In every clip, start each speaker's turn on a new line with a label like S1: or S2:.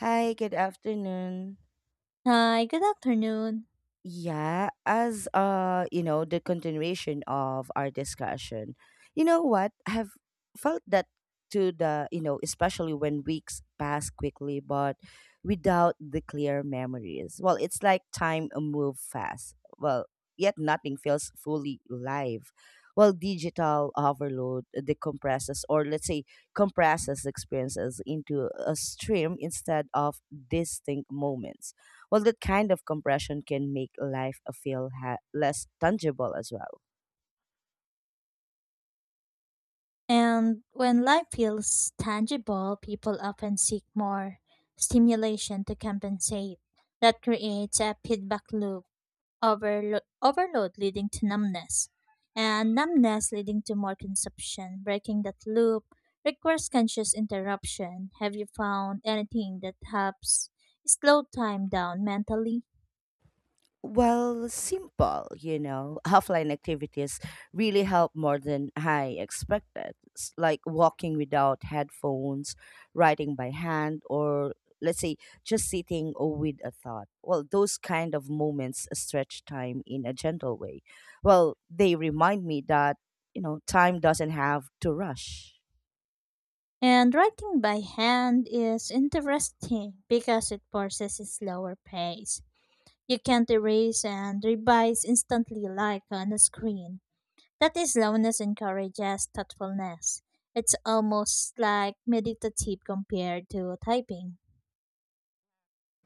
S1: Hi, good afternoon.
S2: Hi, good afternoon.
S1: Yeah, as the continuation of our discussion. You know what? I've felt that to especially when weeks pass quickly but without the clear memories. Well, it's like time move fast. Well, yet nothing feels fully live. Well, digital overload decompresses or let's say compresses experiences into a stream instead of distinct moments, well, that kind of compression can make life feel less tangible as well.
S2: And when life feels tangible, people often seek more stimulation to compensate. That creates a feedback loop, overload leading to numbness, and numbness leading to more consumption. Breaking that loop requires conscious interruption. Have you found anything that helps slow time down mentally?
S1: Well, simple, offline activities really help more than I expected, like walking without headphones, writing by hand, or let's say just sitting with a thought. Well, those kind of moments stretch time in a gentle way. Well, they remind me that, time doesn't have to rush.
S2: And writing by hand is interesting because it forces a slower pace. You can't erase and revise instantly like on a screen. That is slowness encourages thoughtfulness. It's almost like meditative compared to typing.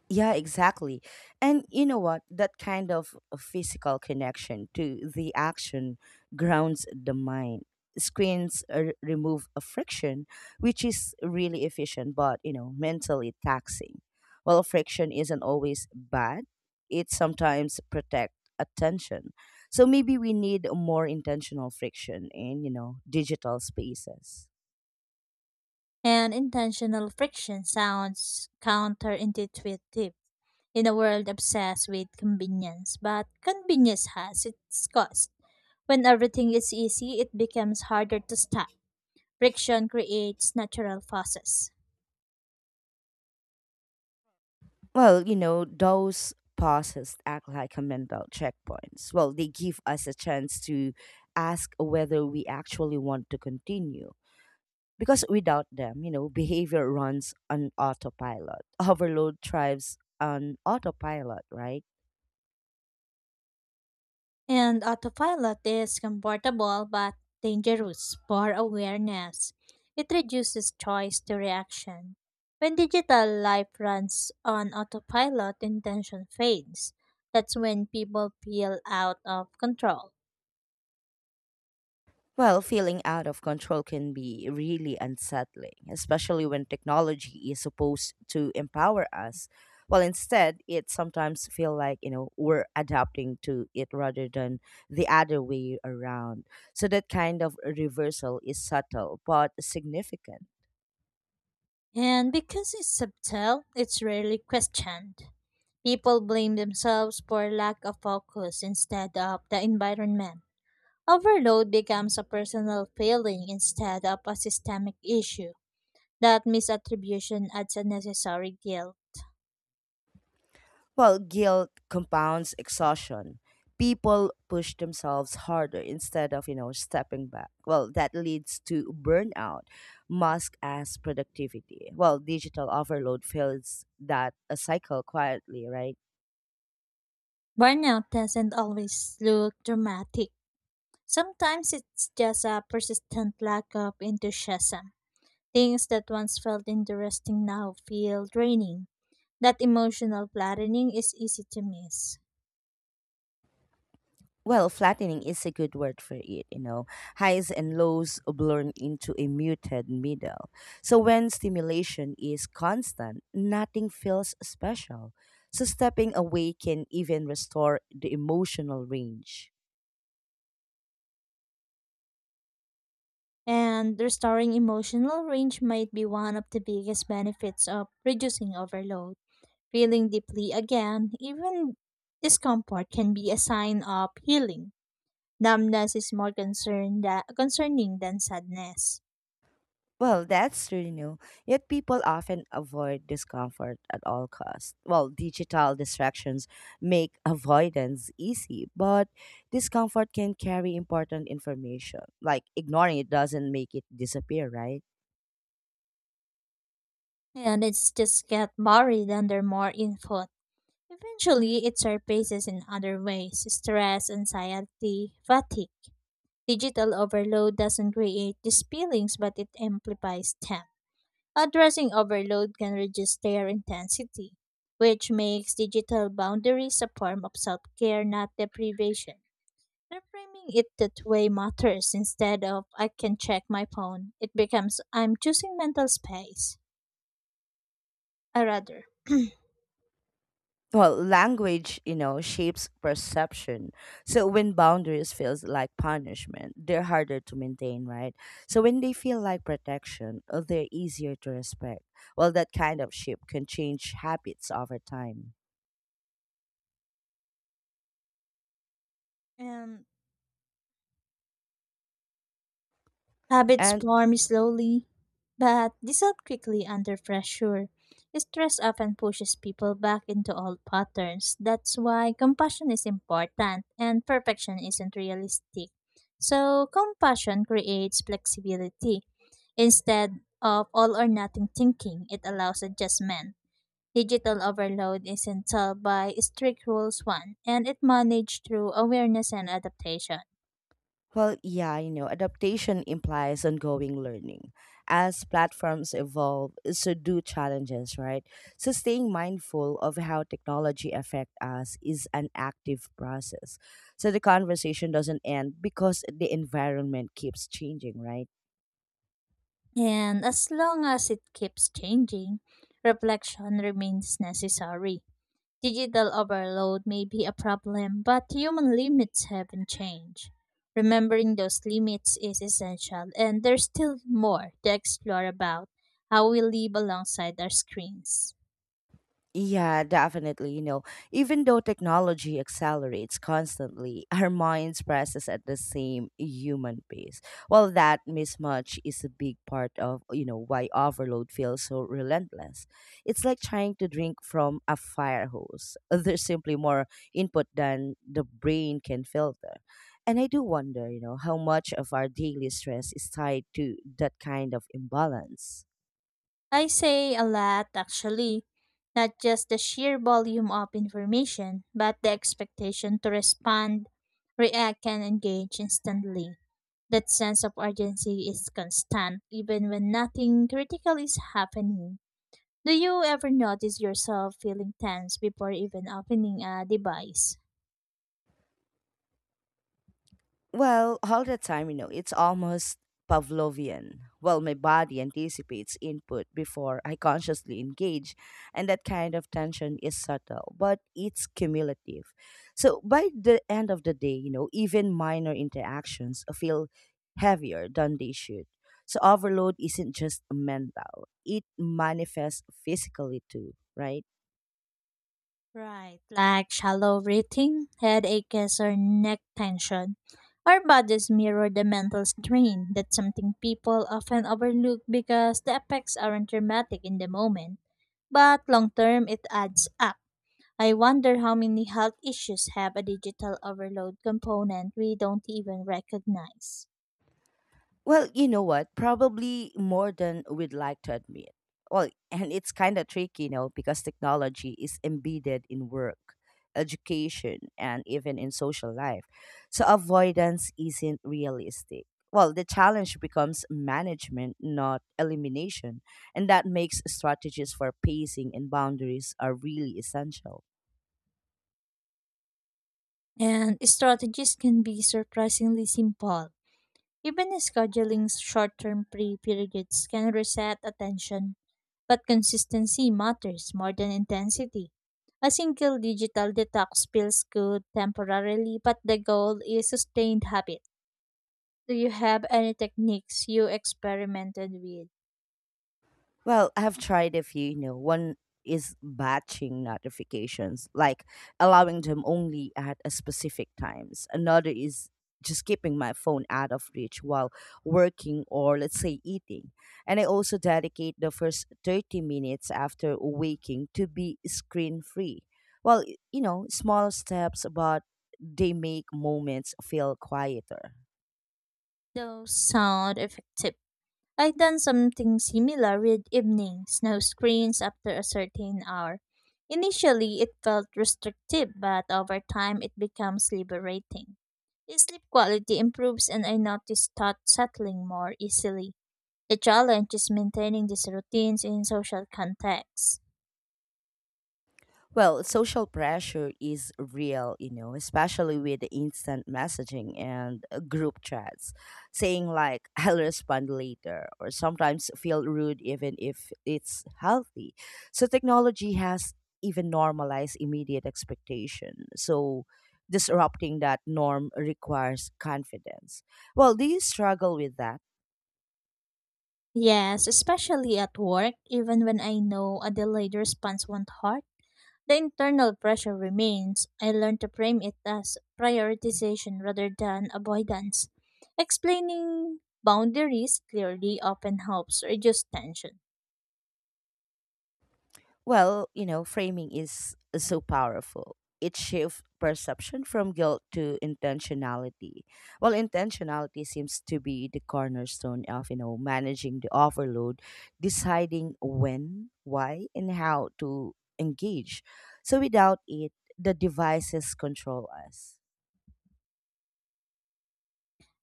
S1: Yeah, exactly. And you know what? That kind of a physical connection to the action grounds the mind. Screens remove a friction, which is really efficient, but mentally taxing. Well, friction isn't always bad. It sometimes protect attention. So maybe we need more intentional friction in, digital spaces.
S2: And intentional friction sounds counterintuitive in a world obsessed with convenience, but convenience has its cost. When everything is easy, it becomes harder to stop. Friction creates natural forces.
S1: Well, those pauses act like a mental checkpoints. Well, they give us a chance to ask whether we actually want to continue. Because without them, behavior runs on autopilot. Overload thrives on autopilot, right?
S2: And autopilot is comfortable but dangerous for awareness. It reduces choice to reaction. When digital life runs on autopilot, intention fades. That's when people feel out of control.
S1: Well, feeling out of control can be really unsettling, especially when technology is supposed to empower us. Well, instead, it sometimes feel like, we're adapting to it rather than the other way around. So that kind of reversal is subtle but significant.
S2: And because it's subtle, it's rarely questioned. People blame themselves for lack of focus instead of the environment. Overload becomes a personal failing instead of a systemic issue. That misattribution adds unnecessary guilt.
S1: Well, guilt compounds exhaustion. People push themselves harder instead of, stepping back. Well, that leads to burnout, mask as productivity. Well, digital overload fills that a cycle quietly, right?
S2: Burnout doesn't always look dramatic. Sometimes it's just a persistent lack of enthusiasm. Things that once felt interesting now feel draining. That emotional flattening is easy to miss.
S1: Well, flattening is a good word for it. Highs and lows blur into a muted middle. So when stimulation is constant, nothing feels special. So stepping away can even restore the emotional range.
S2: And restoring emotional range might be one of the biggest benefits of reducing overload. Feeling deeply again, even discomfort, can be a sign of healing. Numbness is more concerning than sadness.
S1: Well, that's true, you know. Yet people often avoid discomfort at all costs. Well, digital distractions make avoidance easy, but discomfort can carry important information. Like ignoring it doesn't make it disappear, right?
S2: And it's just get buried under more input. Eventually, it surfaces in other ways: stress, anxiety, fatigue. Digital overload doesn't create these feelings, but it amplifies them. Addressing overload can reduce their intensity, which makes digital boundaries a form of self care, not deprivation. Reframing it that way matters. Instead of I can check my phone, it becomes I'm choosing mental space. I rather.
S1: Well, language, shapes perception. So when boundaries feels like punishment, they're harder to maintain, right? So when they feel like protection, they're easier to respect. Well, that kind of shape can change habits over time.
S2: And habits
S1: And
S2: form slowly, but dissolve quickly under pressure. Stress often pushes people back into old patterns. That's why compassion is important and perfection isn't realistic. So, compassion creates flexibility. Instead of all or nothing thinking, it allows adjustment. Digital overload isn't solved by strict rules one, and it managed through awareness and adaptation.
S1: well, yeah, adaptation implies ongoing learning. As platforms evolve, so do challenges, right? So staying mindful of how technology affect us is an active process. So the conversation doesn't end because the environment keeps changing, right?
S2: And as long as it keeps changing, reflection remains necessary. Digital overload may be a problem, but human limits haven't changed. Remembering those limits is essential, and there's still more to explore about how we live alongside our screens.
S1: Yeah, definitely. Even though technology accelerates constantly, our minds process at the same human pace. Well, that mismatch is a big part of, why overload feels so relentless. It's like trying to drink from a fire hose. There's simply more input than the brain can filter. And I do wonder, how much of our daily stress is tied to that kind of imbalance.
S2: I say a lot, actually. Not just the sheer volume of information, but the expectation to respond, react, and engage instantly. That sense of urgency is constant, even when nothing critical is happening. Do you ever notice yourself feeling tense before even opening a device?
S1: Well, all the time, it's almost Pavlovian. Well, my body anticipates input before I consciously engage, and that kind of tension is subtle, but it's cumulative. So by the end of the day, even minor interactions feel heavier than they should. So overload isn't just mental, it manifests physically too, right?
S2: Right, like shallow breathing, head or neck tension. Our bodies mirror the mental strain. That's something people often overlook because the effects aren't dramatic in the moment, but long term it adds up. I wonder how many health issues have a digital overload component we don't even recognize.
S1: Well, you know what? Probably more than we'd like to admit. Well, and it's kind of tricky, because technology is embedded in work, education, and even in social life. So avoidance isn't realistic. Well, the challenge becomes management, not elimination. And that makes strategies for pacing and boundaries are really essential.
S2: And strategies can be surprisingly simple. Even scheduling short term free periods can reset attention, but consistency matters more than intensity. A single digital detox feels good temporarily, but the goal is sustained habit. Do you have any techniques you experimented with?
S1: Well, I've tried a few, one is batching notifications, like allowing them only at a specific times. Another is just keeping my phone out of reach while working or let's say eating. And I also dedicate the first 30 minutes after waking to be screen free. Well, small steps, but they make moments feel quieter.
S2: Those sound effective. I've done something similar with evening snow screens after a certain hour. Initially, it felt restrictive, but over time, it becomes liberating. The sleep quality improves, and I notice thought settling more easily. The challenge is maintaining these routines in social contexts.
S1: Well, social pressure is real, especially with the instant messaging and group chats. Saying like I'll respond later or sometimes feel rude even if it's healthy. So technology has even normalized immediate expectation. So disrupting that norm requires confidence. Well, do you struggle with that?
S2: Yes, especially at work, even when I know a delayed response won't harm. The internal pressure remains. I learned to frame it as prioritization rather than avoidance. Explaining boundaries clearly often helps reduce tension.
S1: Well, framing is so powerful. It shifts perception from guilt to intentionality. Well, intentionality seems to be the cornerstone of, managing the overload, deciding when, why, and how to engage. So without it, the devices control us.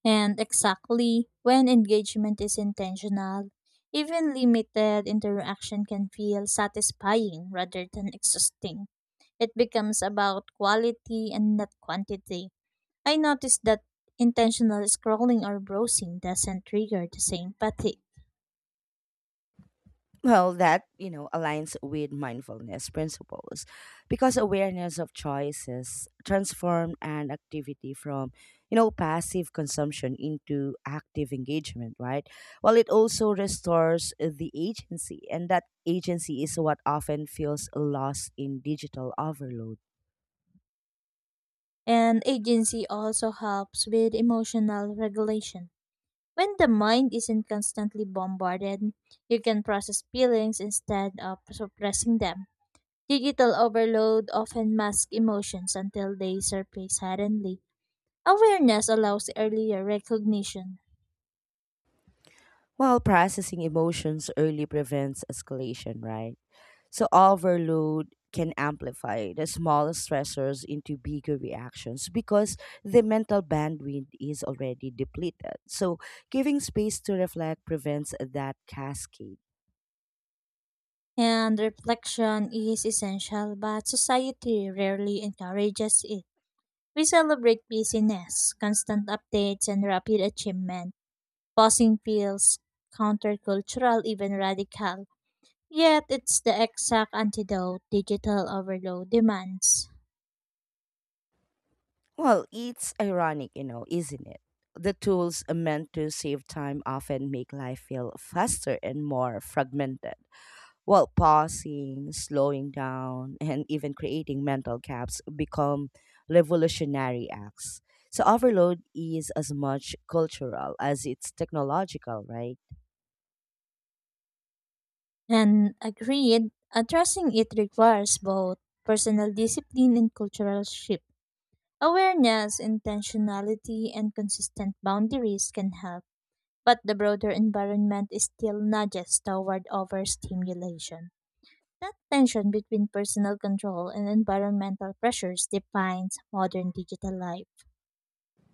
S2: And exactly when engagement is intentional, even limited interaction can feel satisfying rather than exhausting. It becomes about quality and not quantity. I noticed that intentional scrolling or browsing doesn't trigger the same fatigue.
S1: Well, that, aligns with mindfulness principles because awareness of choices transform an activity from, passive consumption into active engagement, right? Well, it also restores the agency, and that agency is what often feels lost in digital overload.
S2: And agency also helps with emotional regulation. When the mind isn't constantly bombarded, you can process feelings instead of suppressing them. Digital overload often masks emotions until they surface suddenly. Awareness allows earlier recognition,
S1: While processing emotions early prevents escalation, right? So overload can amplify the small stressors into bigger reactions because the mental bandwidth is already depleted. So giving space to reflect prevents that cascade.
S2: and reflection is essential, but society rarely encourages it. We celebrate busyness, constant updates, and rapid achievement. Pausing feels countercultural, even radical. Yet it's the exact antidote digital overload demands.
S1: Well, it's ironic, isn't it? The tools meant to save time often make life feel faster and more fragmented. Well, pausing, slowing down, and even creating mental gaps become revolutionary acts. So, overload is as much cultural as it's technological, right?
S2: And agreed, addressing it requires both personal discipline and cultural shift. Awareness, intentionality, and consistent boundaries can help, but the broader environment is still nudges toward overstimulation. That tension between personal control and environmental pressures defines modern digital life.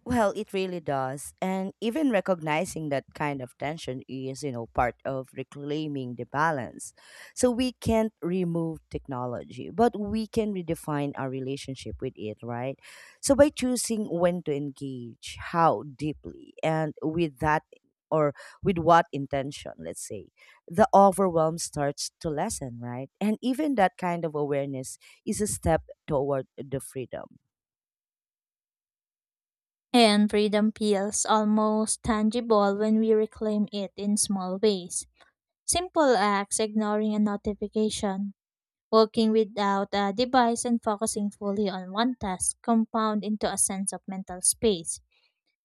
S1: Well, it really does. And even recognizing that kind of tension is, part of reclaiming the balance. So we can't remove technology, but we can redefine our relationship with it, right? So by choosing when to engage, how deeply, and with that or with what intention, let's say, the overwhelm starts to lessen, right? And even that kind of awareness is a step toward the freedom.
S2: And freedom feels almost tangible when we reclaim it in small ways. Simple acts, ignoring a notification, working without a device, and focusing fully on one task compound into a sense of mental space.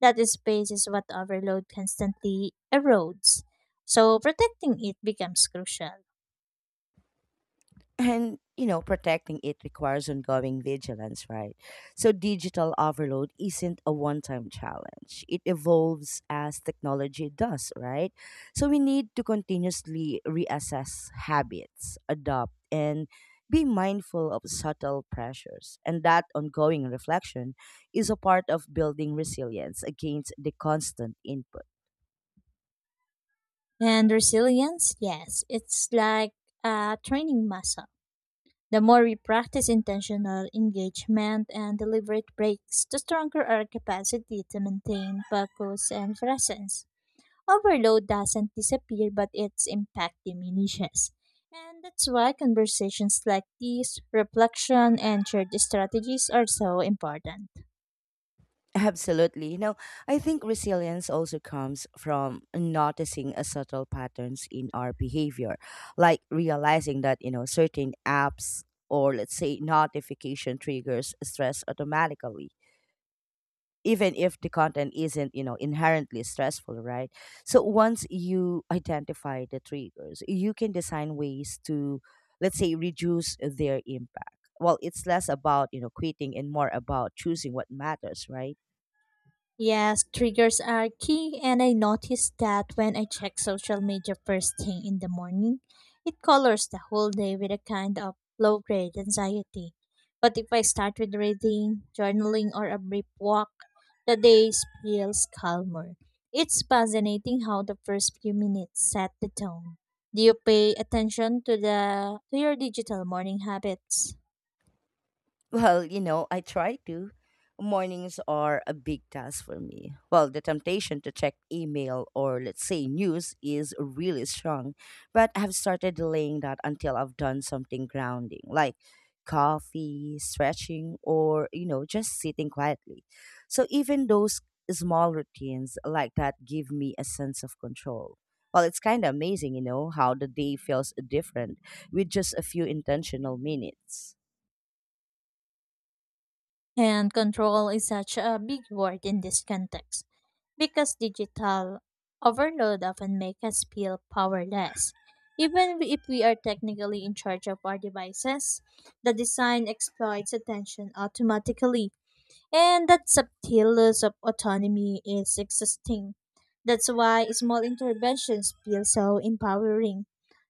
S2: That space is what overload constantly erodes. So protecting it becomes crucial.
S1: And protecting it requires ongoing vigilance, right? So digital overload isn't a one-time challenge, it evolves as technology does, right? So we need to continuously reassess habits, adopt, and be mindful of subtle pressures, and that ongoing reflection is a part of building resilience against the constant input.
S2: And resilience, yes, it's like a training muscle. The more we practice intentional engagement and deliberate breaks, the stronger our capacity to maintain focus and presence. Overload doesn't disappear, but its impact diminishes. And that's why conversations like these, reflection, and shared strategies are so important.
S1: Absolutely. I think resilience also comes from noticing a subtle patterns in our behavior, like realizing that, certain apps or let's say notification triggers stress automatically even if the content isn't inherently stressful, right? So once you identify the triggers you can design ways to let's say reduce their impact. Well, it's less about quitting and more about choosing what matters, right?
S2: Yes, triggers are key, and I noticed that when I check social media first thing in the morning, it colors the whole day with a kind of low grade anxiety. But if I start with reading, journaling, or a brief walk, the day feels calmer. It's fascinating how the first few minutes set the tone. Do you pay attention to the to your digital morning habits?
S1: Well, I try to. Mornings are a big task for me. Well, the temptation to check email or, let's say, news is really strong, but I've started delaying that until I've done something grounding, like coffee, stretching, or, just sitting quietly. So even those small routines like that give me a sense of control. Well, it's kind of amazing, how the day feels different with just a few intentional minutes.
S2: And control is such a big word in this context because digital overload often make us feel powerless. Even if we are technically in charge of our devices, the design exploits attention automatically, and that subtle loss of autonomy is exhausting. That's why small interventions feel so empowering.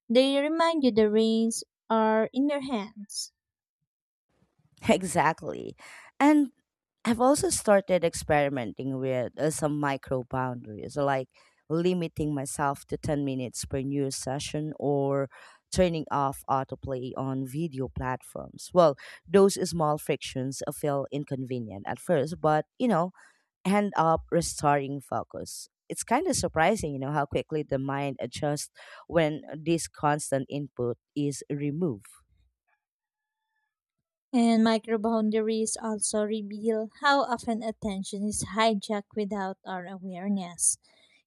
S2: They remind you the reins are in your hands.
S1: Exactly. And I've also started experimenting with some micro boundaries, like limiting myself to 10 minutes per news session or turning off autoplay on video platforms. Well, those small frictions feel inconvenient at first, but end up restoring focus. It's kind of surprising, how quickly the mind adjusts when this constant input is removed.
S2: And microboundaries also reveal how often attention is hijacked without our awareness.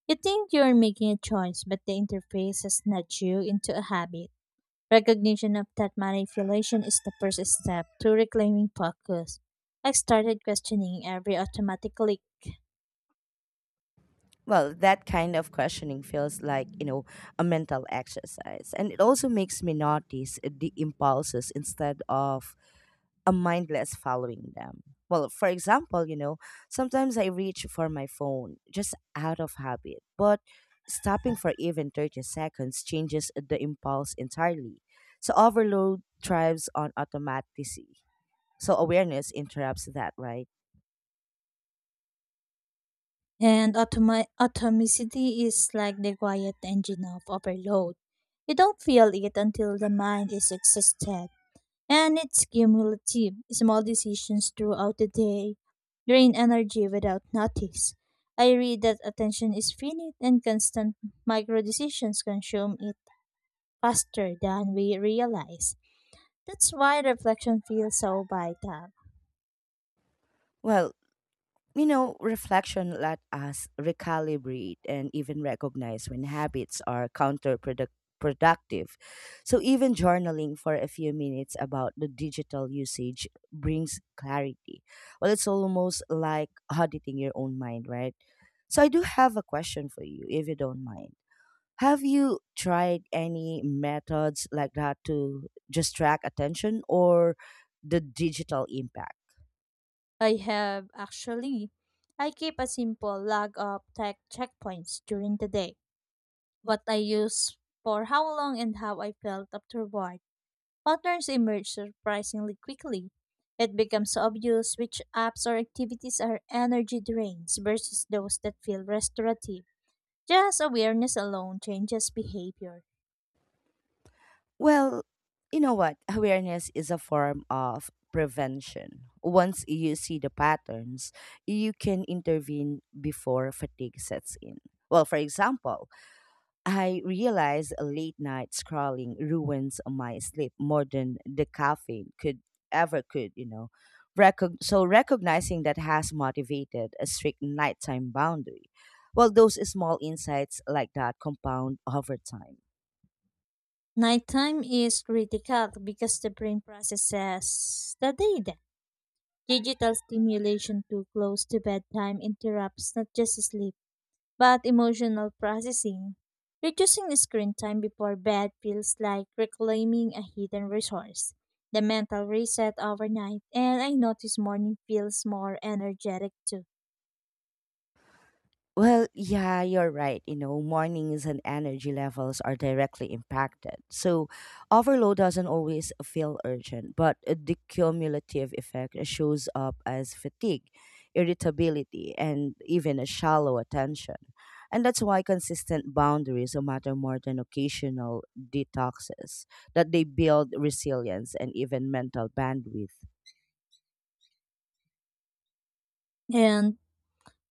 S2: You think you're making a choice, but the interface has nudged you into a habit. Recognition of that manipulation is the first step to reclaiming focus. I started questioning every automatic click,
S1: Well, that kind of questioning feels like, a mental exercise. And it also makes me notice the impulses instead of a mindless following them. Well, for example, sometimes I reach for my phone just out of habit, but stopping for even 30 seconds changes the impulse entirely. So overload thrives on automaticity. So awareness interrupts that, right?
S2: and automaticity is like the quiet engine of overload. You don't feel it until the mind is exhausted. And it's cumulative. Small decisions throughout the day drain energy without notice. I read that attention is finite and constant micro decisions consume it faster than we realize. That's why reflection feels so vital.
S1: Well, reflection let us recalibrate and even recognize when habits are counterproductive. So, even journaling for a few minutes about the digital usage brings clarity. Well, it's almost like auditing your own mind, right? So, I do have a question for you, if you don't mind. Have you tried any methods like that to just track attention or the digital impact?
S2: I have, actually. I keep a simple log of tech checkpoints during the day, what I use for how long and how I felt afterward. Patterns emerge surprisingly quickly. It becomes obvious which apps or activities are energy drains versus those that feel restorative. Just awareness alone changes behavior.
S1: Well, you know what? Awareness is a form of prevention. Once you see the patterns, you can intervene before fatigue sets in. Well, for example, I realize late night scrolling ruins my sleep more than the caffeine could ever could. So recognizing that has motivated a strict nighttime boundary. Well, those small insights like that compound over time.
S2: Nighttime is critical because the brain processes the data. Digital stimulation too close to bedtime interrupts not just sleep but emotional processing. Reducing screen time before bed feels like reclaiming a hidden resource. The mental reset overnight, and I notice morning feels more energetic too.
S1: Well, yeah, you're right. Mornings and energy levels are directly impacted. So, overload doesn't always feel urgent, but the cumulative effect shows up as fatigue, irritability, and even a shallow attention. And that's why consistent boundaries matter more than occasional detoxes, that they build resilience and even mental bandwidth.
S2: And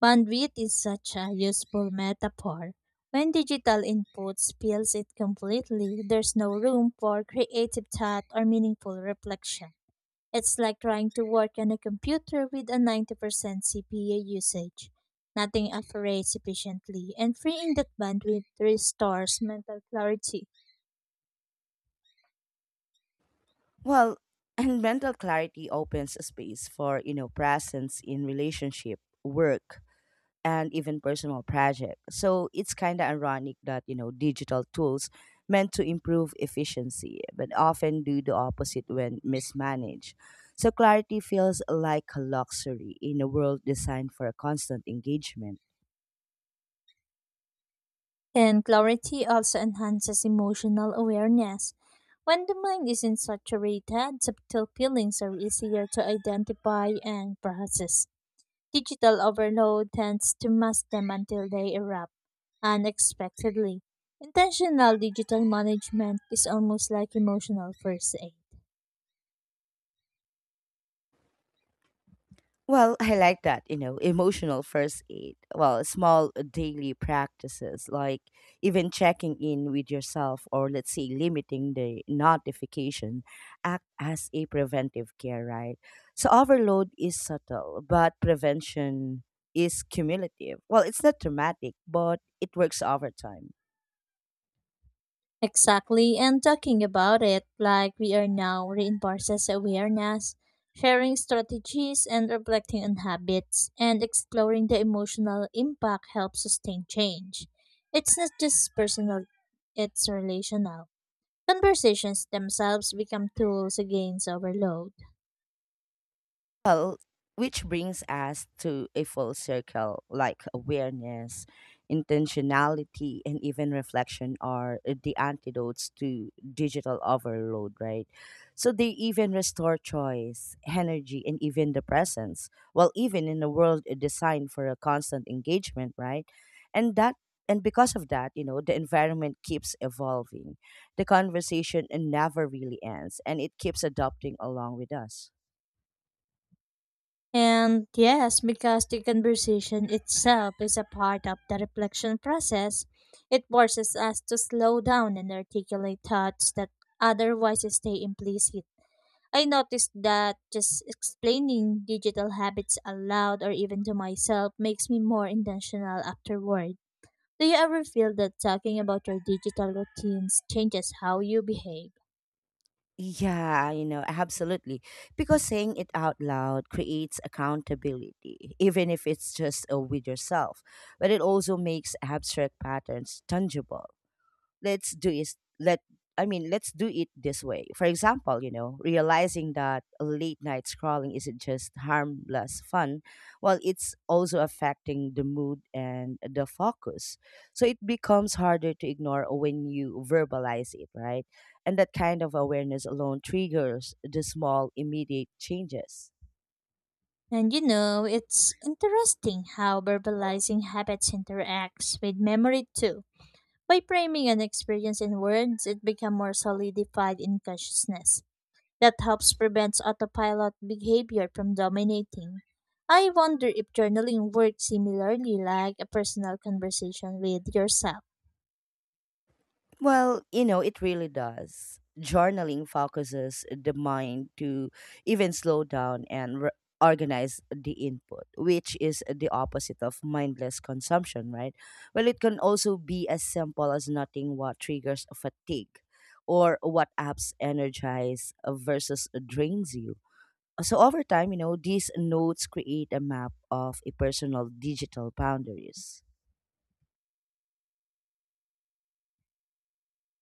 S2: bandwidth is such a useful metaphor. When digital input spills it completely, there's no room for creative thought or meaningful reflection. It's like trying to work on a computer with a 90% CPU usage. Nothing operates efficiently, and freeing that bandwidth restores mental clarity.
S1: Well, and mental clarity opens a space for, presence in relationship, work, and even personal project. So it's kind of ironic that, digital tools meant to improve efficiency, but often do the opposite when mismanaged. So clarity feels like a luxury in a world designed for constant engagement.
S2: And clarity also enhances emotional awareness. When the mind isn't saturated, subtle feelings are easier to identify and process. Digital overload tends to mask them until they erupt unexpectedly. Intentional digital management is almost like emotional first aid.
S1: Well, I like that, you know, emotional first aid. Well, small daily practices like even checking in with yourself or let's say limiting the notification act as a preventive care, right? So overload is subtle, but prevention is cumulative. Well, it's not dramatic, but it works over time.
S2: Exactly, and talking about it like we are now reinforces awareness, sharing strategies, and reflecting on habits, and exploring the emotional impact helps sustain change. It's not just personal, it's relational. Conversations themselves become tools against overload.
S1: Well, which brings us to a full circle like awareness, intentionality, and even reflection are the antidotes to digital overload, right? So they even restore choice, energy, and even the presence. Well, even in a world designed for a constant engagement, right? And that and because of that, you know, the environment keeps evolving, the conversation never really ends and it keeps adopting along with us.
S2: And yes, because the conversation itself is a part of the reflection process, it forces us to slow down and articulate thoughts that otherwise stay implicit. I noticed that just explaining digital habits aloud or even to myself makes me more intentional afterward. Do you ever feel that talking about your digital routines changes how you behave?
S1: Yeah, you know, absolutely. Because saying it out loud creates accountability, even if it's just with yourself, but it also makes abstract patterns tangible. Let's do is let I mean Let's do it this way. For example, you know, realizing that late night scrolling isn't just harmless fun, well it's also affecting the mood and the focus. So it becomes harder to ignore when you verbalize it, right? And that kind of awareness alone triggers the small immediate changes.
S2: And you know, it's interesting how verbalizing habits interacts with memory too. By framing an experience in words, it becomes more solidified in consciousness. That helps prevent autopilot behavior from dominating. I wonder if journaling works similarly, like a personal conversation with yourself.
S1: Well, you know, it really does. Journaling focuses the mind to even slow down and organize the input, which is the opposite of mindless consumption, right? Well, it can also be as simple as noting what triggers fatigue or what apps energize versus drains you. So over time, you know, these notes create a map of a personal digital boundaries.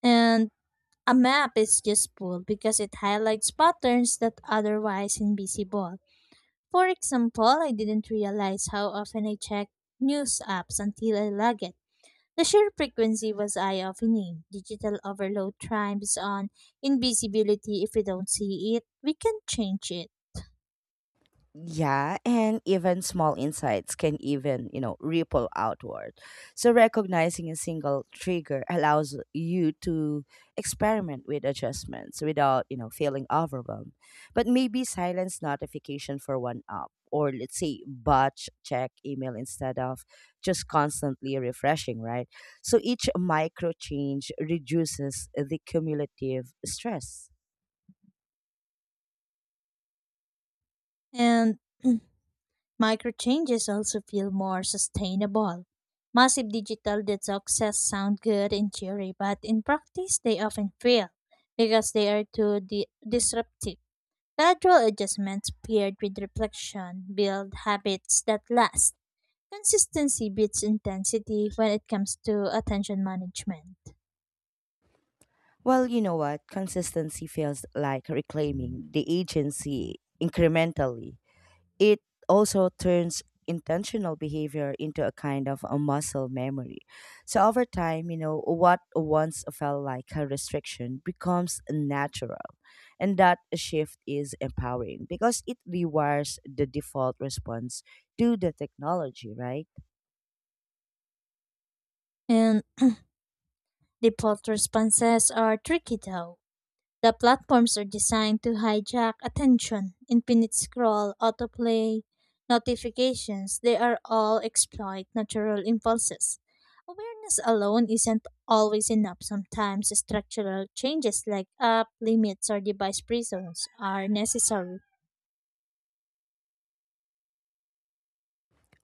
S2: And a map is useful because it highlights patterns that otherwise invisible. For example, I didn't realize how often I check news apps until I log it. The sheer frequency was eye-opening. Digital overload thrives on invisibility. If we don't see it, we can change it.
S1: Yeah, and even small insights can even, you know, ripple outward. So recognizing a single trigger allows you to experiment with adjustments without, you know, feeling overwhelmed. But maybe silence notification for one app, or let's say batch check email instead of just constantly refreshing, right? So each micro change reduces the cumulative stress.
S2: And micro changes also feel more sustainable. Massive digital detoxes sound good in theory, but in practice they often fail because they are too disruptive. Gradual adjustments paired with reflection build habits that last. Consistency beats intensity when it comes to attention management.
S1: Well, you know what? Consistency feels like reclaiming the agency incrementally. It also turns intentional behavior into a kind of a muscle memory. So over time, you know, what once felt like a restriction becomes natural. And that shift is empowering because it rewires the default response to the technology, right?
S2: And default responses are tricky though. The platforms are designed to hijack attention, infinite scroll, autoplay, notifications, they are all exploit natural impulses. Awareness alone isn't always enough. Sometimes structural changes like app limits or device prisons are necessary.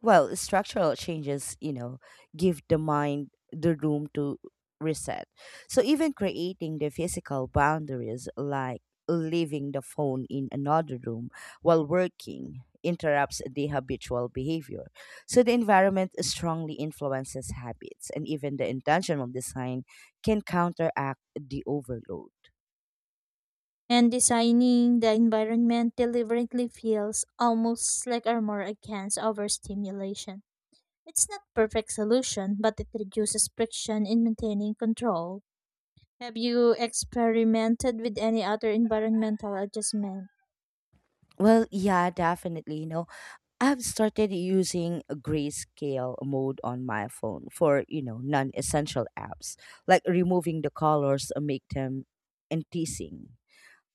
S1: Well, structural changes, you know, give the mind the room to reset. So even creating the physical boundaries like leaving the phone in another room while working interrupts the habitual behavior. So the environment strongly influences habits and even the intentional design can counteract the overload.
S2: And designing the environment deliberately feels almost like armor against overstimulation. It's not perfect solution, but it reduces friction in maintaining control. Have you experimented with any other environmental adjustment?
S1: Well, yeah, definitely. You know, I've started using a grayscale mode on my phone for, you know, non-essential apps, like removing the colors and make them enticing.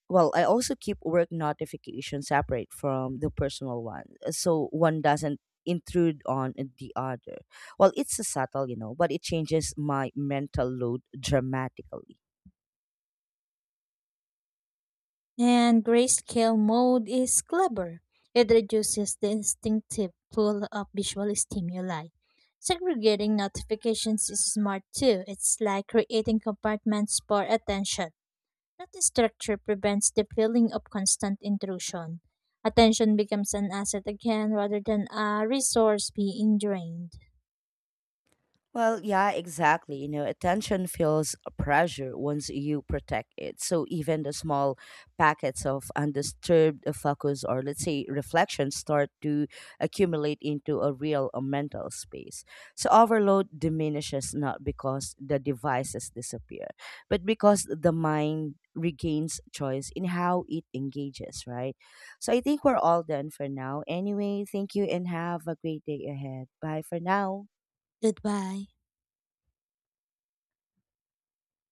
S1: Well, I also keep work notifications separate from the personal one, so one doesn't intrude on the other. Well, it's a subtle, you know, but it changes my mental load dramatically.
S2: And grayscale mode is clever. It reduces the instinctive pull of visual stimuli. Segregating notifications is smart too. It's like creating compartments for attention. That structure prevents the feeling of constant intrusion. Attention becomes an asset again rather than a resource being drained.
S1: Well, yeah, exactly. You know, attention feels a pressure once you protect it. So even the small packets of undisturbed focus or let's say reflection start to accumulate into a real mental space. So overload diminishes not because the devices disappear, but because the mind regains choice in how it engages, right? So I think we're all done for now. Anyway, thank you and have a great day ahead. Bye for now.
S2: Goodbye.